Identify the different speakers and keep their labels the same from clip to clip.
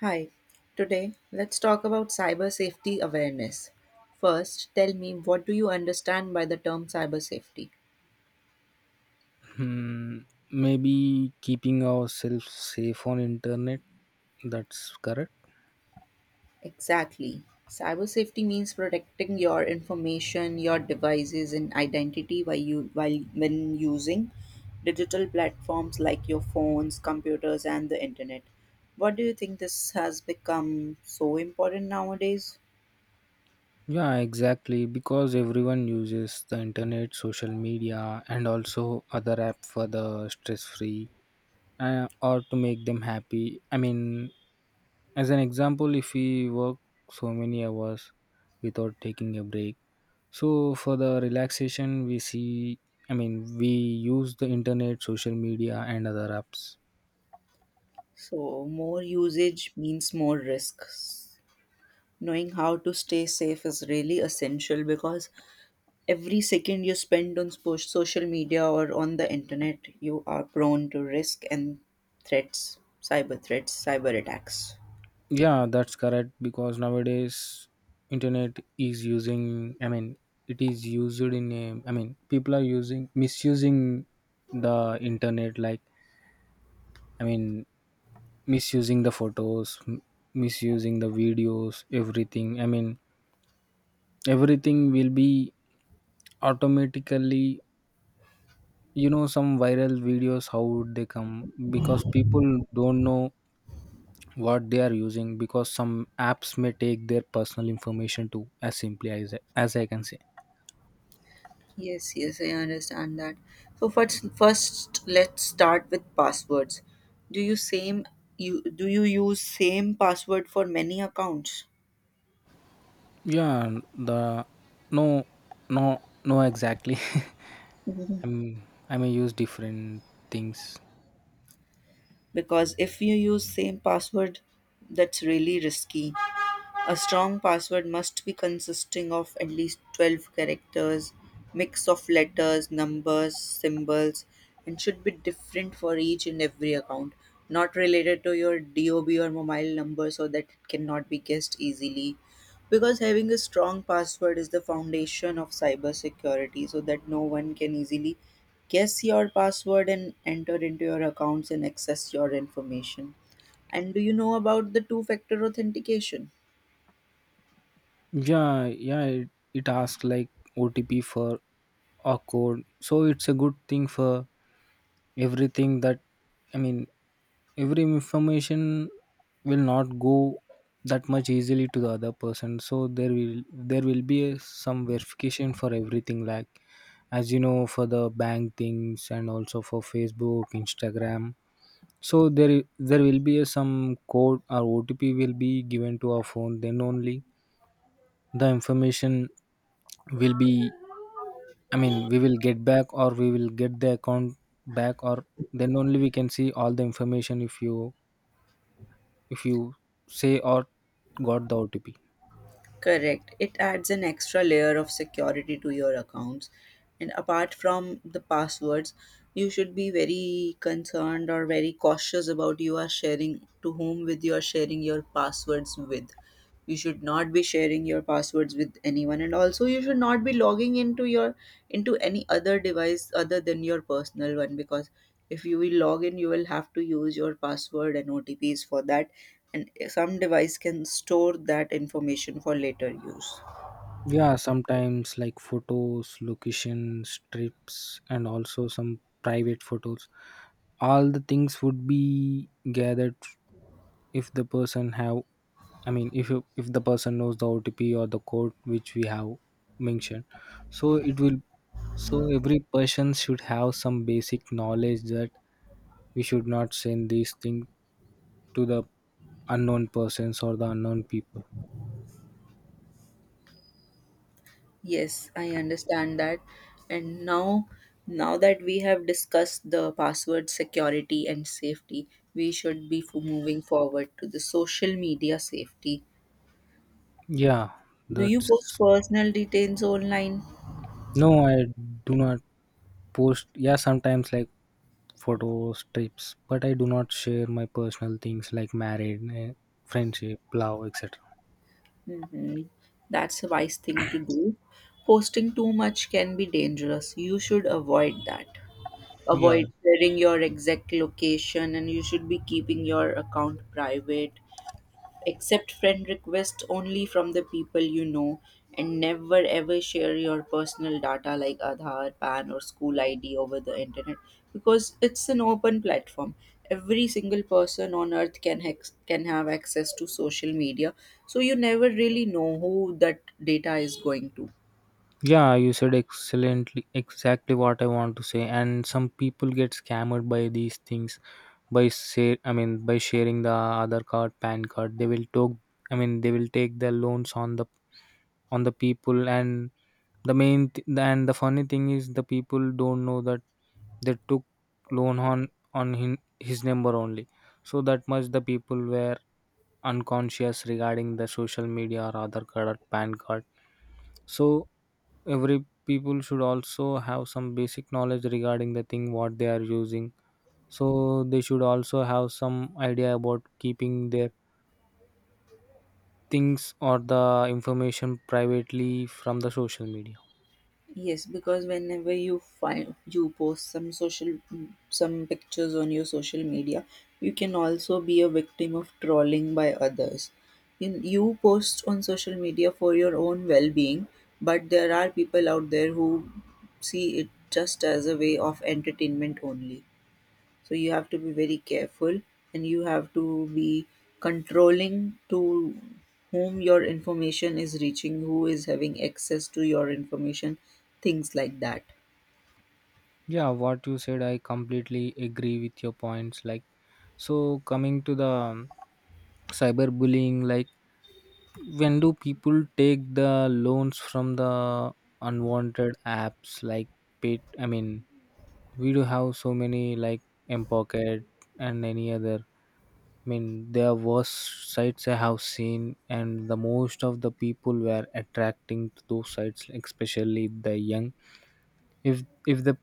Speaker 1: Hi, today let's talk about cyber safety awareness. First, tell me what do you understand by the term cyber safety?
Speaker 2: Hmm, maybe keeping ourselves safe on internet, that's correct.
Speaker 1: Exactly. Cyber safety means protecting your information, your devices and identity while you while when using digital platforms like your phones, computers and the internet. What do you think this has become so important nowadays?
Speaker 2: Yeah, exactly, because everyone uses the internet, social media and also other app for the stress free, or to make them happy. I mean, as an example, if we work so many hours without taking a break, so for the relaxation we see, I mean, we use the internet, social media and other apps.
Speaker 1: So, more usage means more risks. Knowing how to stay safe is really essential because every second you spend on social media or on the internet, you are prone to risk and threats, cyber attacks.
Speaker 2: Yeah, that's correct, because nowadays internet is using, I mean it is used in a, I mean people are using, misusing the internet, like, I mean misusing the photos, misusing the videos, everything, I mean everything will be automatically, you know, some viral videos, how would they come? Because people don't know what they are using, because some apps may take their personal information too, as simply as I can say.
Speaker 1: Yes, yes, I understand that. So first let's start with passwords. Do you same do you use same password for many accounts?
Speaker 2: Yeah, and the, no, no, exactly.
Speaker 1: Mhm.
Speaker 2: I'm, I may use different things.
Speaker 1: Because if you use same password, that's really risky. A strong password must be consisting of at least 12 characters, mix of letters, numbers, symbols, and should be different for each and every account, not related to your DOB or mobile number so that it cannot be guessed easily. Because having a strong password is the foundation of cybersecurity so that no one can easily guess your password and enter into your accounts and access your information. And do you know about the two factor authentication?
Speaker 2: Yeah, it asks like OTP for a code, so it's a good thing for everything, that, I mean, every information will not go that much easily to the other person. So there will be a, some verification for everything, like, as you know, for the bank things and also for Facebook, Instagram. So there will be a, some code or OTP will be given to our phone. Then only the information will be, I mean, we will get back, or we will get the account back, or then only we can see all the information if you say or got the OTP.
Speaker 1: Correct. It adds an extra layer of security to your accounts. And apart from the passwords, you should be very concerned or very cautious about you are sharing your passwords with. You should not be sharing your passwords with anyone and also you should not be logging into your into any other device other than your personal one, because if you will log in, you will have to use your password and otps for that, and some device can store that information for later use.
Speaker 2: Yeah, sometimes like photos, locations, trips, and also some private photos. All the things would be gathered if the person have, I mean, if the person knows the OTP or the code which we have mentioned, so it will. So every person should have some basic knowledge that we should not send these things to the unknown persons or the unknown people.
Speaker 1: Yes, I understand that. And now that we have discussed the password security and safety, we should be moving forward to the social media safety.
Speaker 2: Yeah,
Speaker 1: Do you post
Speaker 2: that's
Speaker 1: personal details online?
Speaker 2: no. I do not post. Yeah, sometimes like photo strips, but I do not share my personal things like married, friendship, love, etc.
Speaker 1: Hmm. That's a wise thing to do. Posting too much can be dangerous. You should avoid that.
Speaker 2: Yeah.
Speaker 1: Avoid sharing your exact location, and you should be keeping your account private, accept friend requests only from the people you know, and never ever share your personal data like aadhaar pan or school id over the internet, because it's an open platform. Every single person on earth can can have access to social media, so you never really know who that data is going to.
Speaker 2: Yeah, you said excellently, exactly what I want to say. And some people get scammed by these things by say, I mean by sharing the other card, PAN card. They will talk, I mean they will take the loans on the people, and the main and the funny thing is the people don't know that they took loan on him, his number only. So that much the people were unconscious regarding the social media or other card or PAN card. So every people should also have some basic knowledge regarding the thing what they are using, so they should also have some idea about keeping their things or the information privately from the social media.
Speaker 1: Yes, because whenever you post some social some pictures on your social media, you can also be a victim of trolling by others. In, you post on social media for your own well-being, but there are people out there who see it just as a way of entertainment only, so you have to be very careful, and you have to be controlling to whom your information is reaching, who is having access to your information, things like that.
Speaker 2: Yeah, what you said, I completely agree with your points, like, so coming to the cyberbullying, like when do people take the loans from the unwanted apps, like pay, I mean we do have so many, like M Pocket and any other. I mean, there were sites I have seen, and the most of the people were attracting to those sites, especially the young. If if the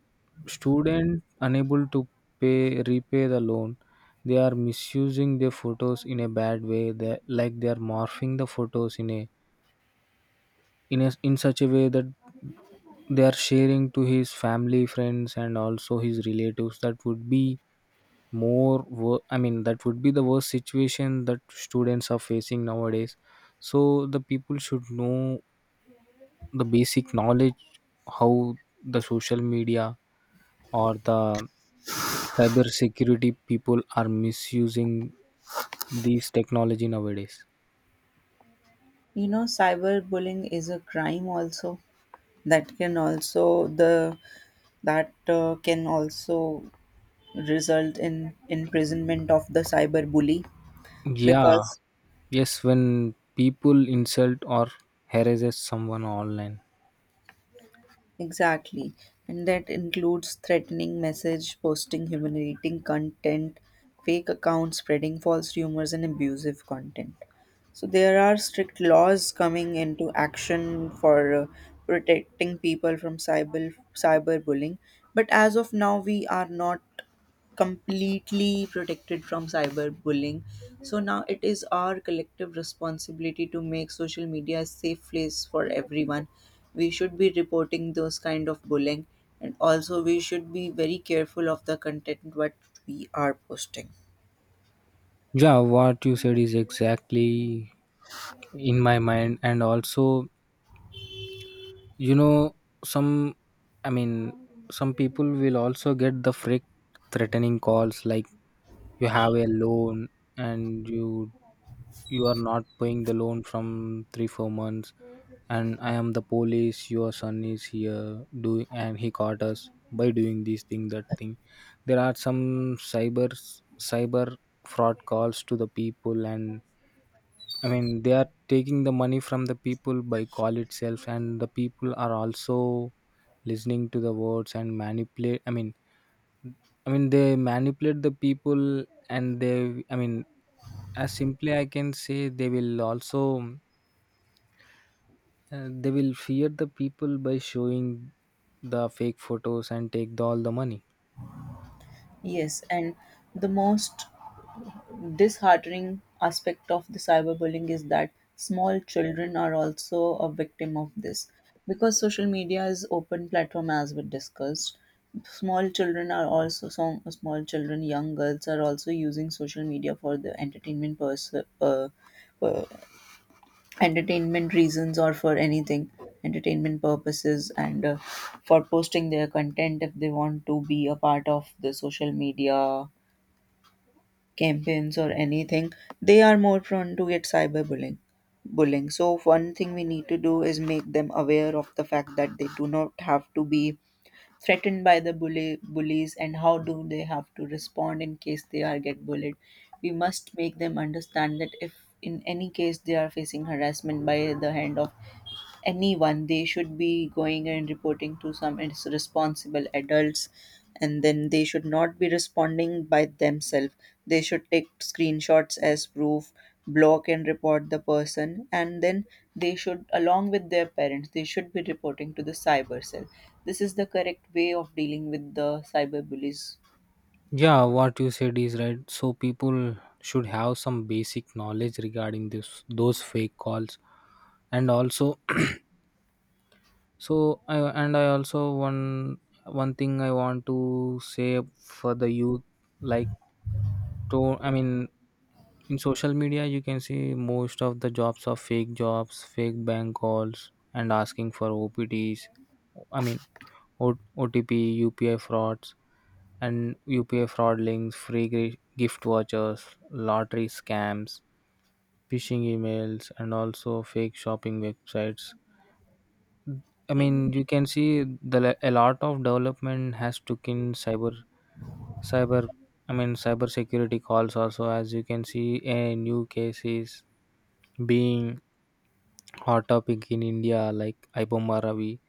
Speaker 2: student unable to pay, repay the loan, they are misusing their photos in a bad way. They, like, they are morphing the photos in a, in a, in such a way that they are sharing to his family, friends and also his relatives. That would be I mean, that would be the worst situation that students are facing nowadays. So the people should know the basic knowledge how the social media or the cyber security people are misusing these technology nowadays.
Speaker 1: You know cyberbullying is a crime also. That can also the that can also result in imprisonment of the cyber bully,
Speaker 2: Yeah.
Speaker 1: because
Speaker 2: Yes, when people insult or harasses someone online.
Speaker 1: exactly. And that includes threatening message, posting humiliating content, fake accounts, spreading false rumors, and abusive content. So there are strict laws coming into action for protecting people from cyberbullying. But as of now, we are not completely protected from cyberbullying. So now it is our collective responsibility to make social media a safe place for everyone. We should be reporting those kind of bullying, and also we should be very careful of the content what we are posting.
Speaker 2: Yeah, what you said is exactly in my mind, and also, you know, some, I mean some people will also get the fake threatening calls, like, you have a loan and you are not paying the loan from 3 or 4 months, and I am the police, your son is here doing, and he caught us by doing this thing, that thing. There are some cyber fraud calls to the people, and, I mean, they are taking the money from the people by call itself, and the people are also listening to the words and manipulate. I mean they manipulate the people, and they, I mean, as simply I can say, they will also they will fear the people by showing the fake photos and take the, all the money.
Speaker 1: Yes, and the most disheartening aspect of the cyberbullying is that small children are also a victim of this, because social media is open platform as we discussed. Small children are also some small children young girls are also using social media for the uh, uh, entertainment reasons, or for anything, entertainment purposes, and for posting their content. If they want to be a part of the social media campaigns or anything, they are more prone to get cyberbullying. Bullying. So one thing we need to do is make them aware of the fact that they do not have to be threatened by the bully bullies, and how do they have to respond in case they are get bullied. We must make them understand that if in any case they are facing harassment by the hand of anyone, they should be going and reporting to some responsible adults, and then they should not be responding by themselves. They should take screenshots as proof, block and report the person, and then they should, along with their parents, they should be reporting to the cyber cell. This is the correct way of dealing with the cyber bullies.
Speaker 2: Yeah, what you said is right. So people should have some basic knowledge regarding this, those fake calls, and also. So I, and I also one thing I want to say for the youth, like, to, I mean, in social media you can see most of the jobs are fake jobs, fake bank calls and asking for OPTs. I mean, OTP, UPI frauds and UPI fraud links, free gift vouchers, lottery scams, phishing emails and also fake shopping websites. I mean, you can see the a lot of development has took in cyber. I mean, cyber security calls also. As you can see, a new case is being hot topic in India, like Ibomma Ravi.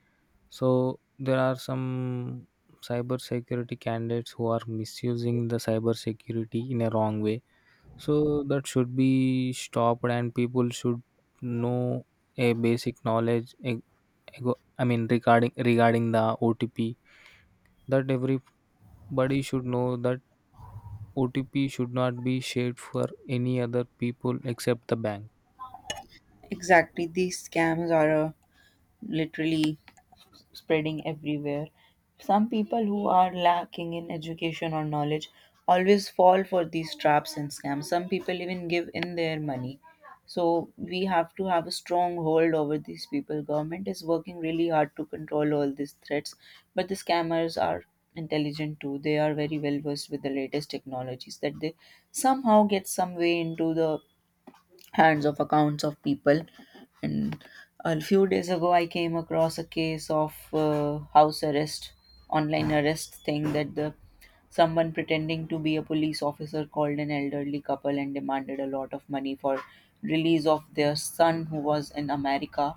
Speaker 2: So there are some cyber security candidates who are misusing the cyber security in a wrong way, so that should be stopped, and people should know a basic knowledge. I mean, regarding the OTP, that everybody should know that OTP should not be shared for any other people except the bank.
Speaker 1: Exactly, these scams are a literally spreading everywhere. Some people who are lacking in education or knowledge always fall for these traps and scams. Some people even give in their money. So we have to have a strong hold over these people. Government is working really hard to control all these threats, but the scammers are intelligent too. They are very well versed with the latest technologies that they somehow get some way into the hands of accounts of people. And a few days ago I came across a case of house arrest, online arrest thing, that the someone pretending to be a police officer called an elderly couple and demanded a lot of money for release of their son who was in America,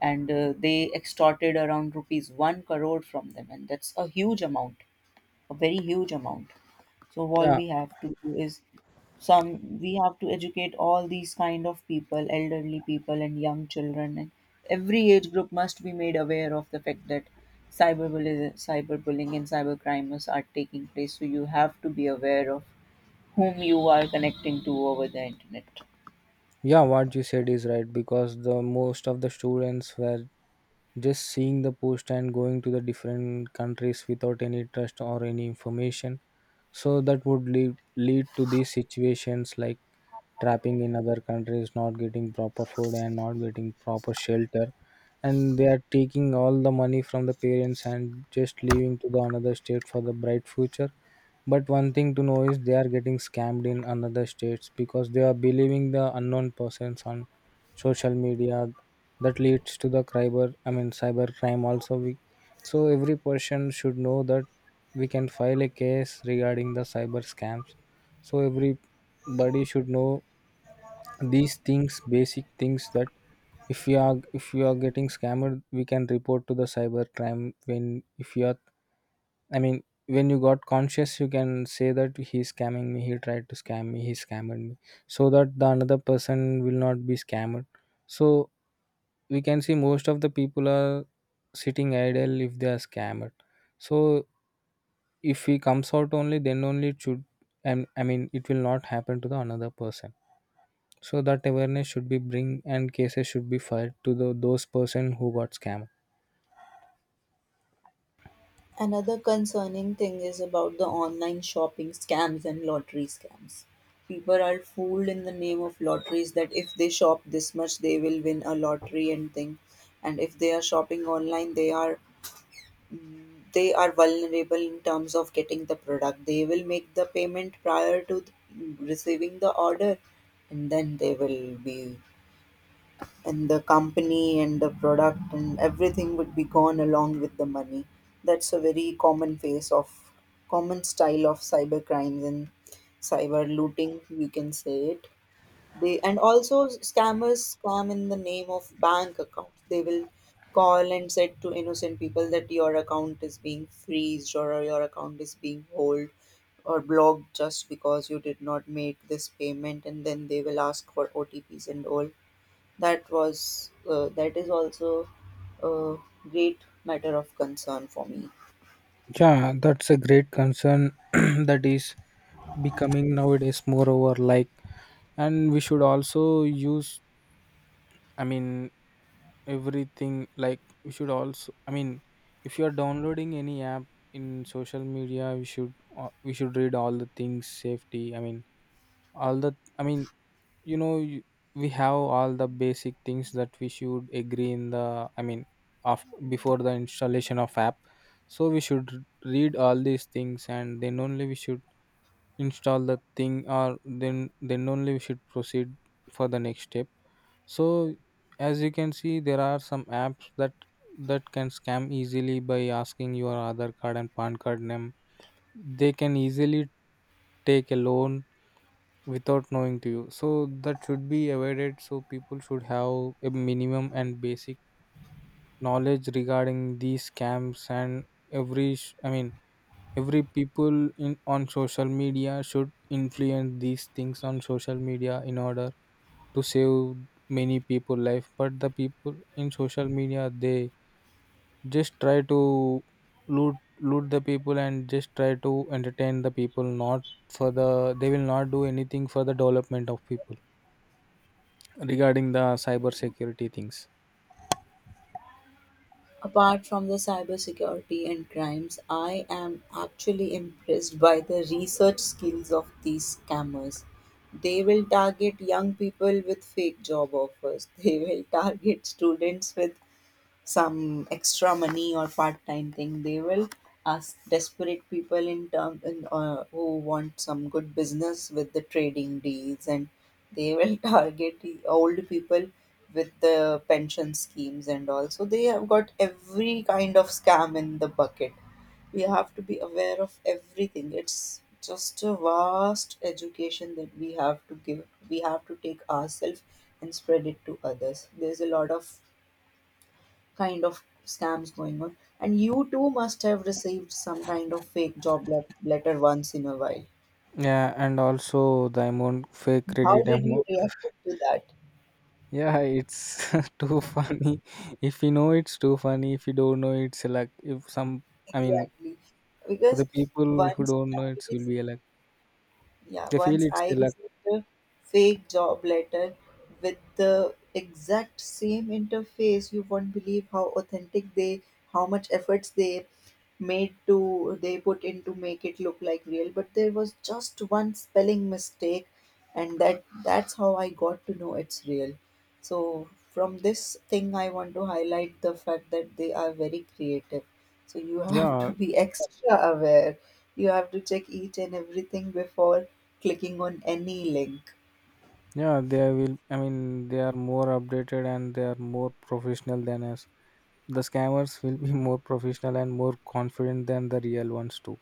Speaker 1: and they extorted around rupees 1 crore from them, and that's a huge amount, a very huge amount. So all
Speaker 2: Yeah.
Speaker 1: we have to do is some we have to educate all these kind of people, elderly people and young children, and every age group must be made aware of the fact that cyberbullying and cybercrime are taking place. So you have to be aware of whom you are connecting to over the internet.
Speaker 2: Yeah, what you said is right, because the most of the students were just seeing the post and going to the different countries without any trust or any information. So that would lead to these situations like trapping in other countries, not getting proper food and not getting proper shelter. And they are taking all the money from the parents and just leaving to the another state for the bright future. But one thing to know is they are getting scammed in another states, because they are believing the unknown persons on social media. That leads to the cyber, I mean cyber crime also, we, so every person should know that we can file a case regarding the cyber scams. So everybody should know these things, basic things, that if we are getting scammed, we can report to the cyber crime when, if you are, I mean when you got conscious, you can say that he's scamming me, he tried to scam me, he scammed me, so that the another person will not be scammed. So we can see most of the people are sitting idle if they are scammed. So if he comes out only, then only it should, and, I mean, it will not happen to the another person. So that awareness should be bring and cases should be filed to the, those person who got scammed.
Speaker 1: Another concerning thing is about the online shopping scams and lottery scams. People are fooled in the name of lotteries that if they shop this much, they will win a lottery and thing. And if they are shopping online, they are vulnerable in terms of getting the product. They will make the payment prior to receiving the order, and then they will be, and the company and the product and everything would be gone along with the money. That's a very common face of, common style of cyber crimes and cyber looting, you can say it. They, and also scammers scam in the name of bank accounts. They will call and said to innocent people that your account is being freezed, or your account is being hold or blocked just because you did not make this payment, and then they will ask for OTPs and all. That is also a great matter of concern for me.
Speaker 2: Yeah, that's a great concern. That is becoming nowadays moreover, like, and we should also use, I mean everything, like we should also, I mean, if you are downloading any app in social media, we should read all the things, safety, I mean all the, I mean, you know, you, we have all the basic things that we should agree in the, I mean, of before the installation of app. So we should read all these things, and then only we should install the thing, or then only we should proceed for the next step. So as you can see, there are some apps that that can scam easily by asking your other card and pan card name. They can easily take a loan without knowing to you, so that should be avoided. So people should have a minimum and basic knowledge regarding these scams, and I mean every people in on social media should influence these things on social media in order to save many people life. But the people in social media, they just try to loot the people and just try to entertain the people, not for the, they will not do anything for the development of people regarding the cyber security things.
Speaker 1: Apart from the cybersecurity and crimes, I am actually impressed by the research skills of these scammers. They will target young people with fake job offers. They will target students with some extra money or part-time thing. They will ask desperate people who want some good business with the trading deals, and they will target the old people with the pension schemes and all. So they have got every kind of scam in the bucket. We have to be aware of everything. It's just a vast education that we have to give, we have to take ourselves and spread it to others. There's a lot of kind of scams going on. And you too must have received some kind of fake job letter once in a while.
Speaker 2: Yeah, and also the amount, fake
Speaker 1: How
Speaker 2: credit
Speaker 1: did you
Speaker 2: amount.
Speaker 1: react to that?
Speaker 2: Yeah, it's too funny. If you know, it's too funny. If you don't know, it's a luck. If some. I mean,
Speaker 1: Exactly.
Speaker 2: for
Speaker 1: Because
Speaker 2: the people who
Speaker 1: once
Speaker 2: don't know,
Speaker 1: it
Speaker 2: it will
Speaker 1: is
Speaker 2: be a luck.
Speaker 1: yeah,
Speaker 2: They feel
Speaker 1: once
Speaker 2: it's a
Speaker 1: I
Speaker 2: luck.
Speaker 1: received a fake job letter with the exact same interface. You won't believe how authentic how much efforts they made to, they put in to make it look like real. But there was just one spelling mistake, and that's how I got to know it's real. So from this thing, I want to highlight the fact that they are very creative. So you have to
Speaker 2: Yeah,
Speaker 1: be extra aware. You have to check each and everything before clicking on any link.
Speaker 2: yeah. They will, I mean, they are more updated and they are more professional than us. The scammers will be more professional and more confident than the real ones too.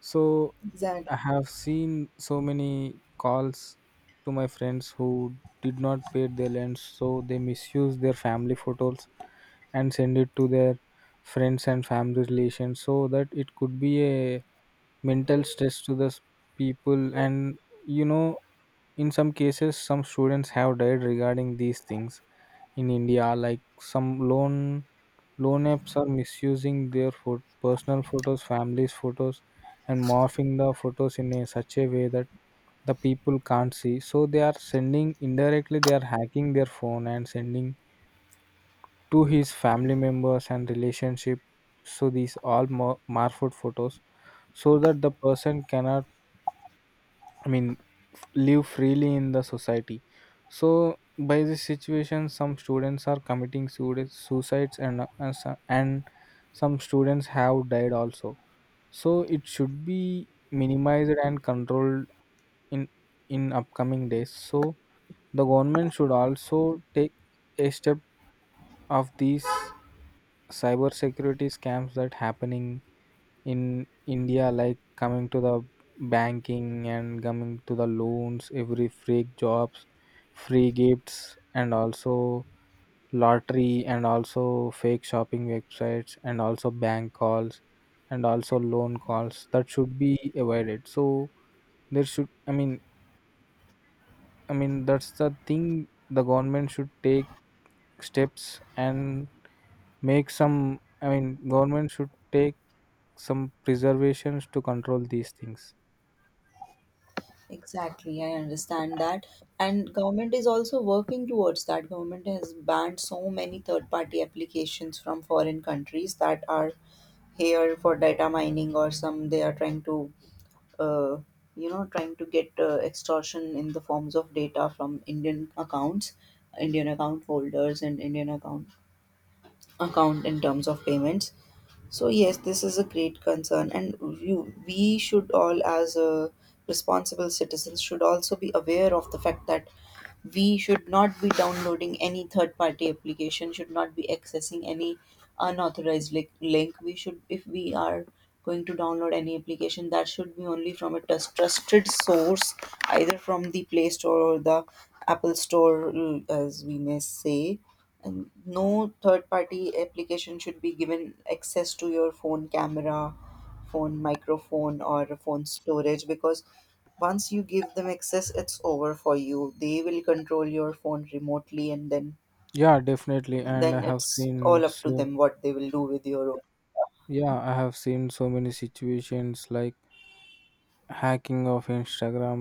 Speaker 2: So
Speaker 1: Exactly.
Speaker 2: I have seen so many calls to my friends who did not pay their loans, so they misuse their family photos and send it to their friends and family relations, so that it could be a mental stress to the people. And you know, in some cases, some students have died regarding these things in India, like some loan apps are misusing their personal photos, families' photos, and morphing the photos in a such a way that the people can't see, so they are sending indirectly, they are hacking their phone and sending to his family members and relationship, so these all marford photos so that the person cannot i mean live freely in the society. So by this situation some students are committing suicides and and some students have died also. So it should be minimized and controlled in in upcoming days. So the government should also take a step of these cybersecurity scams that happening in India, like coming to the banking and coming to the loans, every fake jobs, free gifts, and also lottery and also fake shopping websites and also bank calls and also loan calls that should be avoided. So there should, I mean, that's the thing, the government should take steps and make some, I mean, government should take some preservations to control these things.
Speaker 1: Exactly, I understand that. And government is also working towards that. Government has banned so many third-party applications from foreign countries that are here for data mining, or some they are trying to uh, you know, trying to get extortion in the forms of data from Indian accounts, Indian account holders and Indian account in terms of payments. So yes, this is a great concern, and we should all, as a responsible citizens, should also be aware of the fact that we should not be downloading any third-party application, should not be accessing any unauthorized link. We should, if we are going to download any application, that should be only from a trusted source, either from the Play Store or the Apple Store, mm, as we may say. And no third party application should be given access to your phone camera, phone microphone or phone storage, because once you give them access, it's over for you. They will control your phone remotely, and
Speaker 2: Yeah, definitely, and I
Speaker 1: then
Speaker 2: have
Speaker 1: it's
Speaker 2: seen,
Speaker 1: all up to
Speaker 2: so
Speaker 1: them what they will do with your own.
Speaker 2: yeah, I have seen so many situations like hacking of Instagram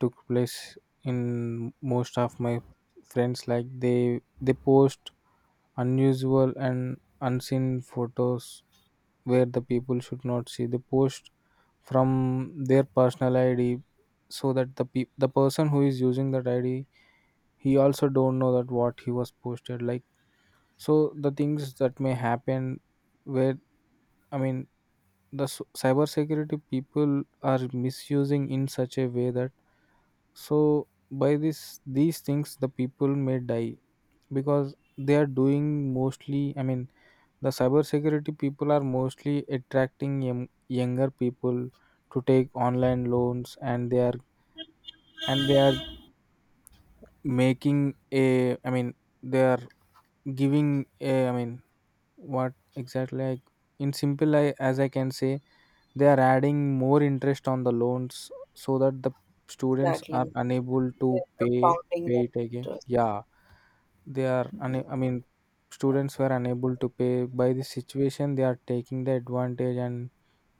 Speaker 2: took place in most of my friends, like they post unusual and unseen photos where the people should not see. They post from their personal ID so that the person who is using that ID, he also don't know that what he was posted, like. So the things that may happen where, I mean, the cybersecurity people are misusing in such a way that, so by this these things the people may die because they are doing mostly, I mean, the cybersecurity people are mostly attracting young, younger people to take online loans, and they are making a, I mean, they are giving a, I mean, what exactly I, in simple I, as I can say, they are adding more interest on the loans so that the students are
Speaker 1: Exactly.
Speaker 2: unable to
Speaker 1: They're
Speaker 2: pay
Speaker 1: compounding
Speaker 2: pay
Speaker 1: that
Speaker 2: it again.
Speaker 1: interest.
Speaker 2: Yeah, they are. I mean, students were unable to pay. By this situation, they are taking the advantage and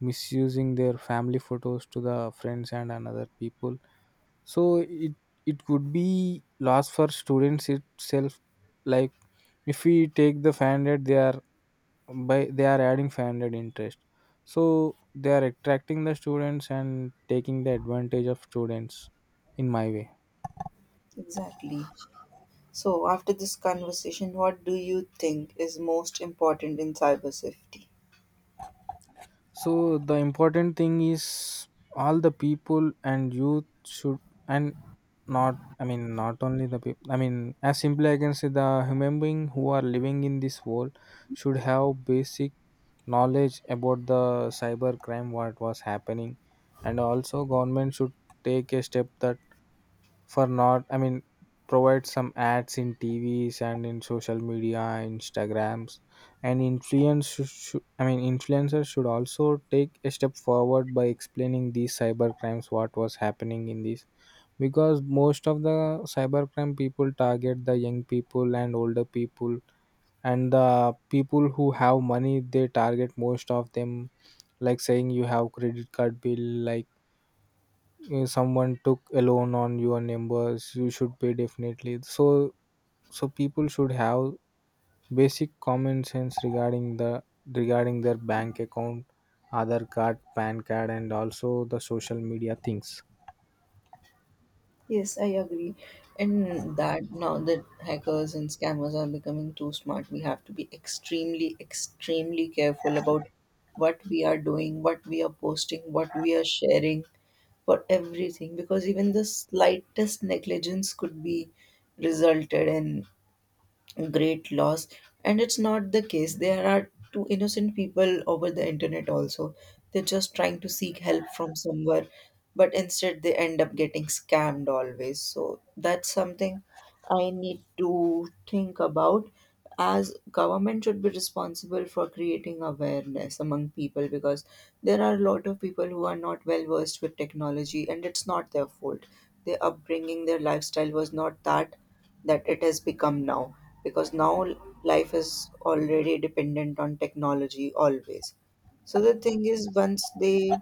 Speaker 2: misusing their family photos to the friends and another people. So it could be loss for students itself. Like if we take the 500, they are, by they are adding 500 interest, so they are attracting the students and taking the advantage of students, in my way.
Speaker 1: Exactly. So after this conversation, what do you think is most important in cyber safety?
Speaker 2: So the important thing is all the people and youth should, and not, I mean, not only the people, I mean, as simply I can say, the human being who are living in this world should have basic knowledge about the cyber crime what was happening. And also government should take a step that for not, I mean, provide some ads in TVs and in social media Instagrams, and influencers should also take a step forward by explaining these cyber crimes what was happening in this, because most of the cybercrime people target the young people and older people, and the people who have money, they target most of them, like saying you have credit card bill, like if someone took a loan on your numbers, you should pay definitely. So so people should have basic common sense regarding the, regarding their bank account, other card, pan card, and also the social media things.
Speaker 1: Yes, I agree. And that now that hackers and scammers are becoming too smart, we have to be extremely, extremely careful about what we are doing, what we are posting, what we are sharing, for everything, because even the slightest negligence could be resulted in great loss. And it's not the case. There are two innocent people over the internet also. They're just trying to seek help from somewhere, but instead they end up getting scammed always. So that's something I need to think about. As government should be responsible for creating awareness among people, because there are a lot of people who are not well versed with technology, and it's not their fault. Their upbringing, their lifestyle was not that it has become now. Because now life is already dependent on technology always. So the thing is, once they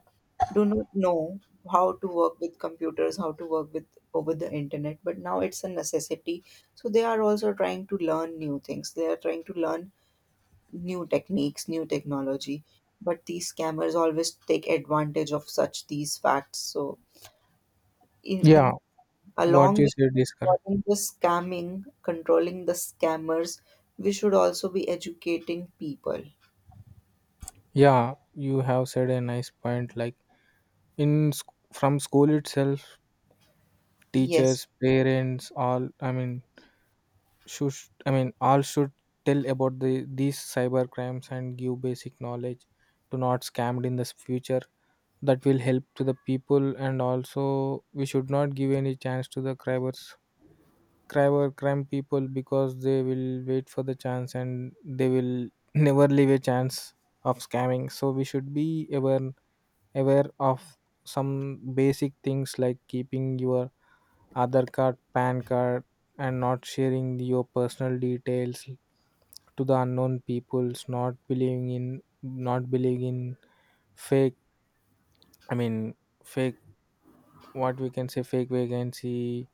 Speaker 1: do not know how to work with computers, how to work with over the internet, but now it's a necessity. So they are also trying to learn new things, they are trying to learn new techniques, new technology, but these scammers always take advantage of such these facts. So
Speaker 2: Yeah,
Speaker 1: in
Speaker 2: what
Speaker 1: along
Speaker 2: you
Speaker 1: with
Speaker 2: said is correct.
Speaker 1: controlling the scamming controlling the scammers, we should also be educating people.
Speaker 2: Yeah, you have said a nice point, like in from school itself,
Speaker 1: Yes.
Speaker 2: teachers, parents, all, I mean, should, I mean, all should tell about the these cyber crimes and give basic knowledge to not scammed in the future. That will help to the people. And also we should not give any chance to the cyber crime people, because they will wait for the chance and they will never leave a chance of scamming. So we should be aware, aware of some basic things like keeping your other card, pan card, and not sharing your personal details to the unknown peoples, not believing in fake, i mean fake, what we can say, fake vacancy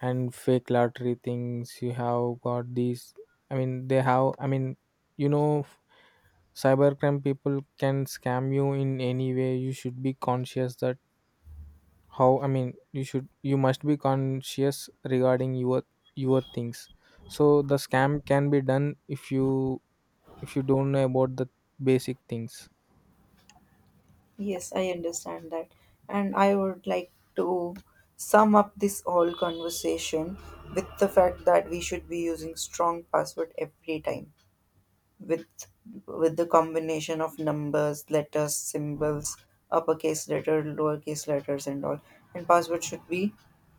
Speaker 2: and fake lottery things, you have got these, I mean, they have, I mean, you know cybercrime people can scam you in any way. You should be conscious that how, I mean, you should, you must be conscious regarding your things. So the scam can be done if you, if you don't know about the basic things.
Speaker 1: Yes, I understand that. And I would like to sum up this whole conversation with the fact that we should be using strong password every time with with the combination of numbers, letters, symbols, uppercase letter, lowercase letters and all. And password should be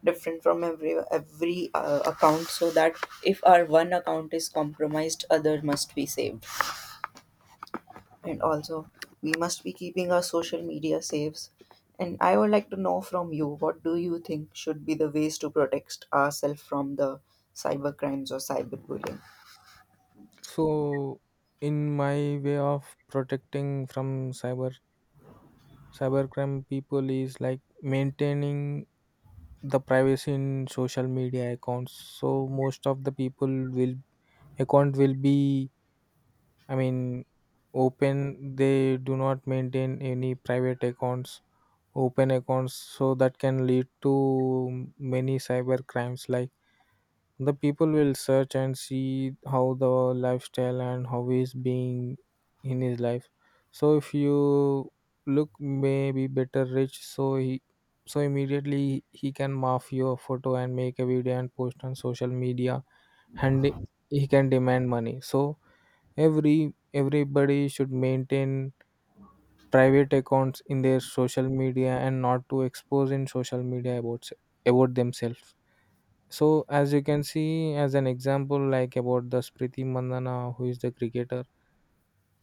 Speaker 1: different from every account, so that if our one account is compromised, other must be saved, and also we must be keeping our social media safe. And I would like to know from you, what do you think should be the ways to protect ourselves from the cyber crimes or cyberbullying?
Speaker 2: So, in my way of protecting from cybercrime people is like maintaining the privacy in social media accounts. So most of the people will, account will be, I mean, open. They do not maintain any private accounts, open accounts. So that can lead to many cyber crimes, like the people will search and see how the lifestyle and how he's being in his life. So if you look maybe better rich, so he, so immediately he can mark your photo and make a video and post on social media, and he can demand money. So everybody should maintain private accounts in their social media and not to expose in social media about themselves. So as you can see, as an example, like about the Spriti Mandana, who is the cricketer.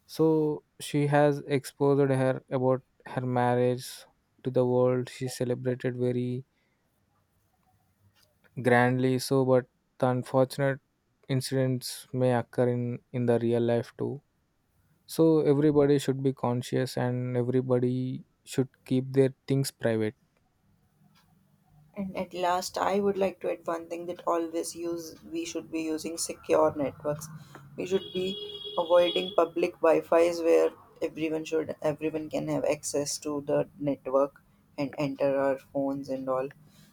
Speaker 2: So she has exposed her about her marriage to the world. She celebrated very grandly. So, but the unfortunate incidents may occur in the real life too. So everybody should be conscious and everybody should keep their things private.
Speaker 1: And at last, I would like to add one thing, that always use we should be using secure networks. We should be avoiding public Wi-Fi's where everyone can have access to the network and enter our phones and all.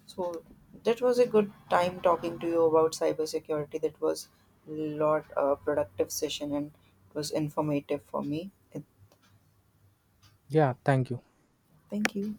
Speaker 1: So that was a good time talking to you about cybersecurity. That was a lot productive session, and it was informative for me. And
Speaker 2: Yeah, thank you.
Speaker 1: thank you.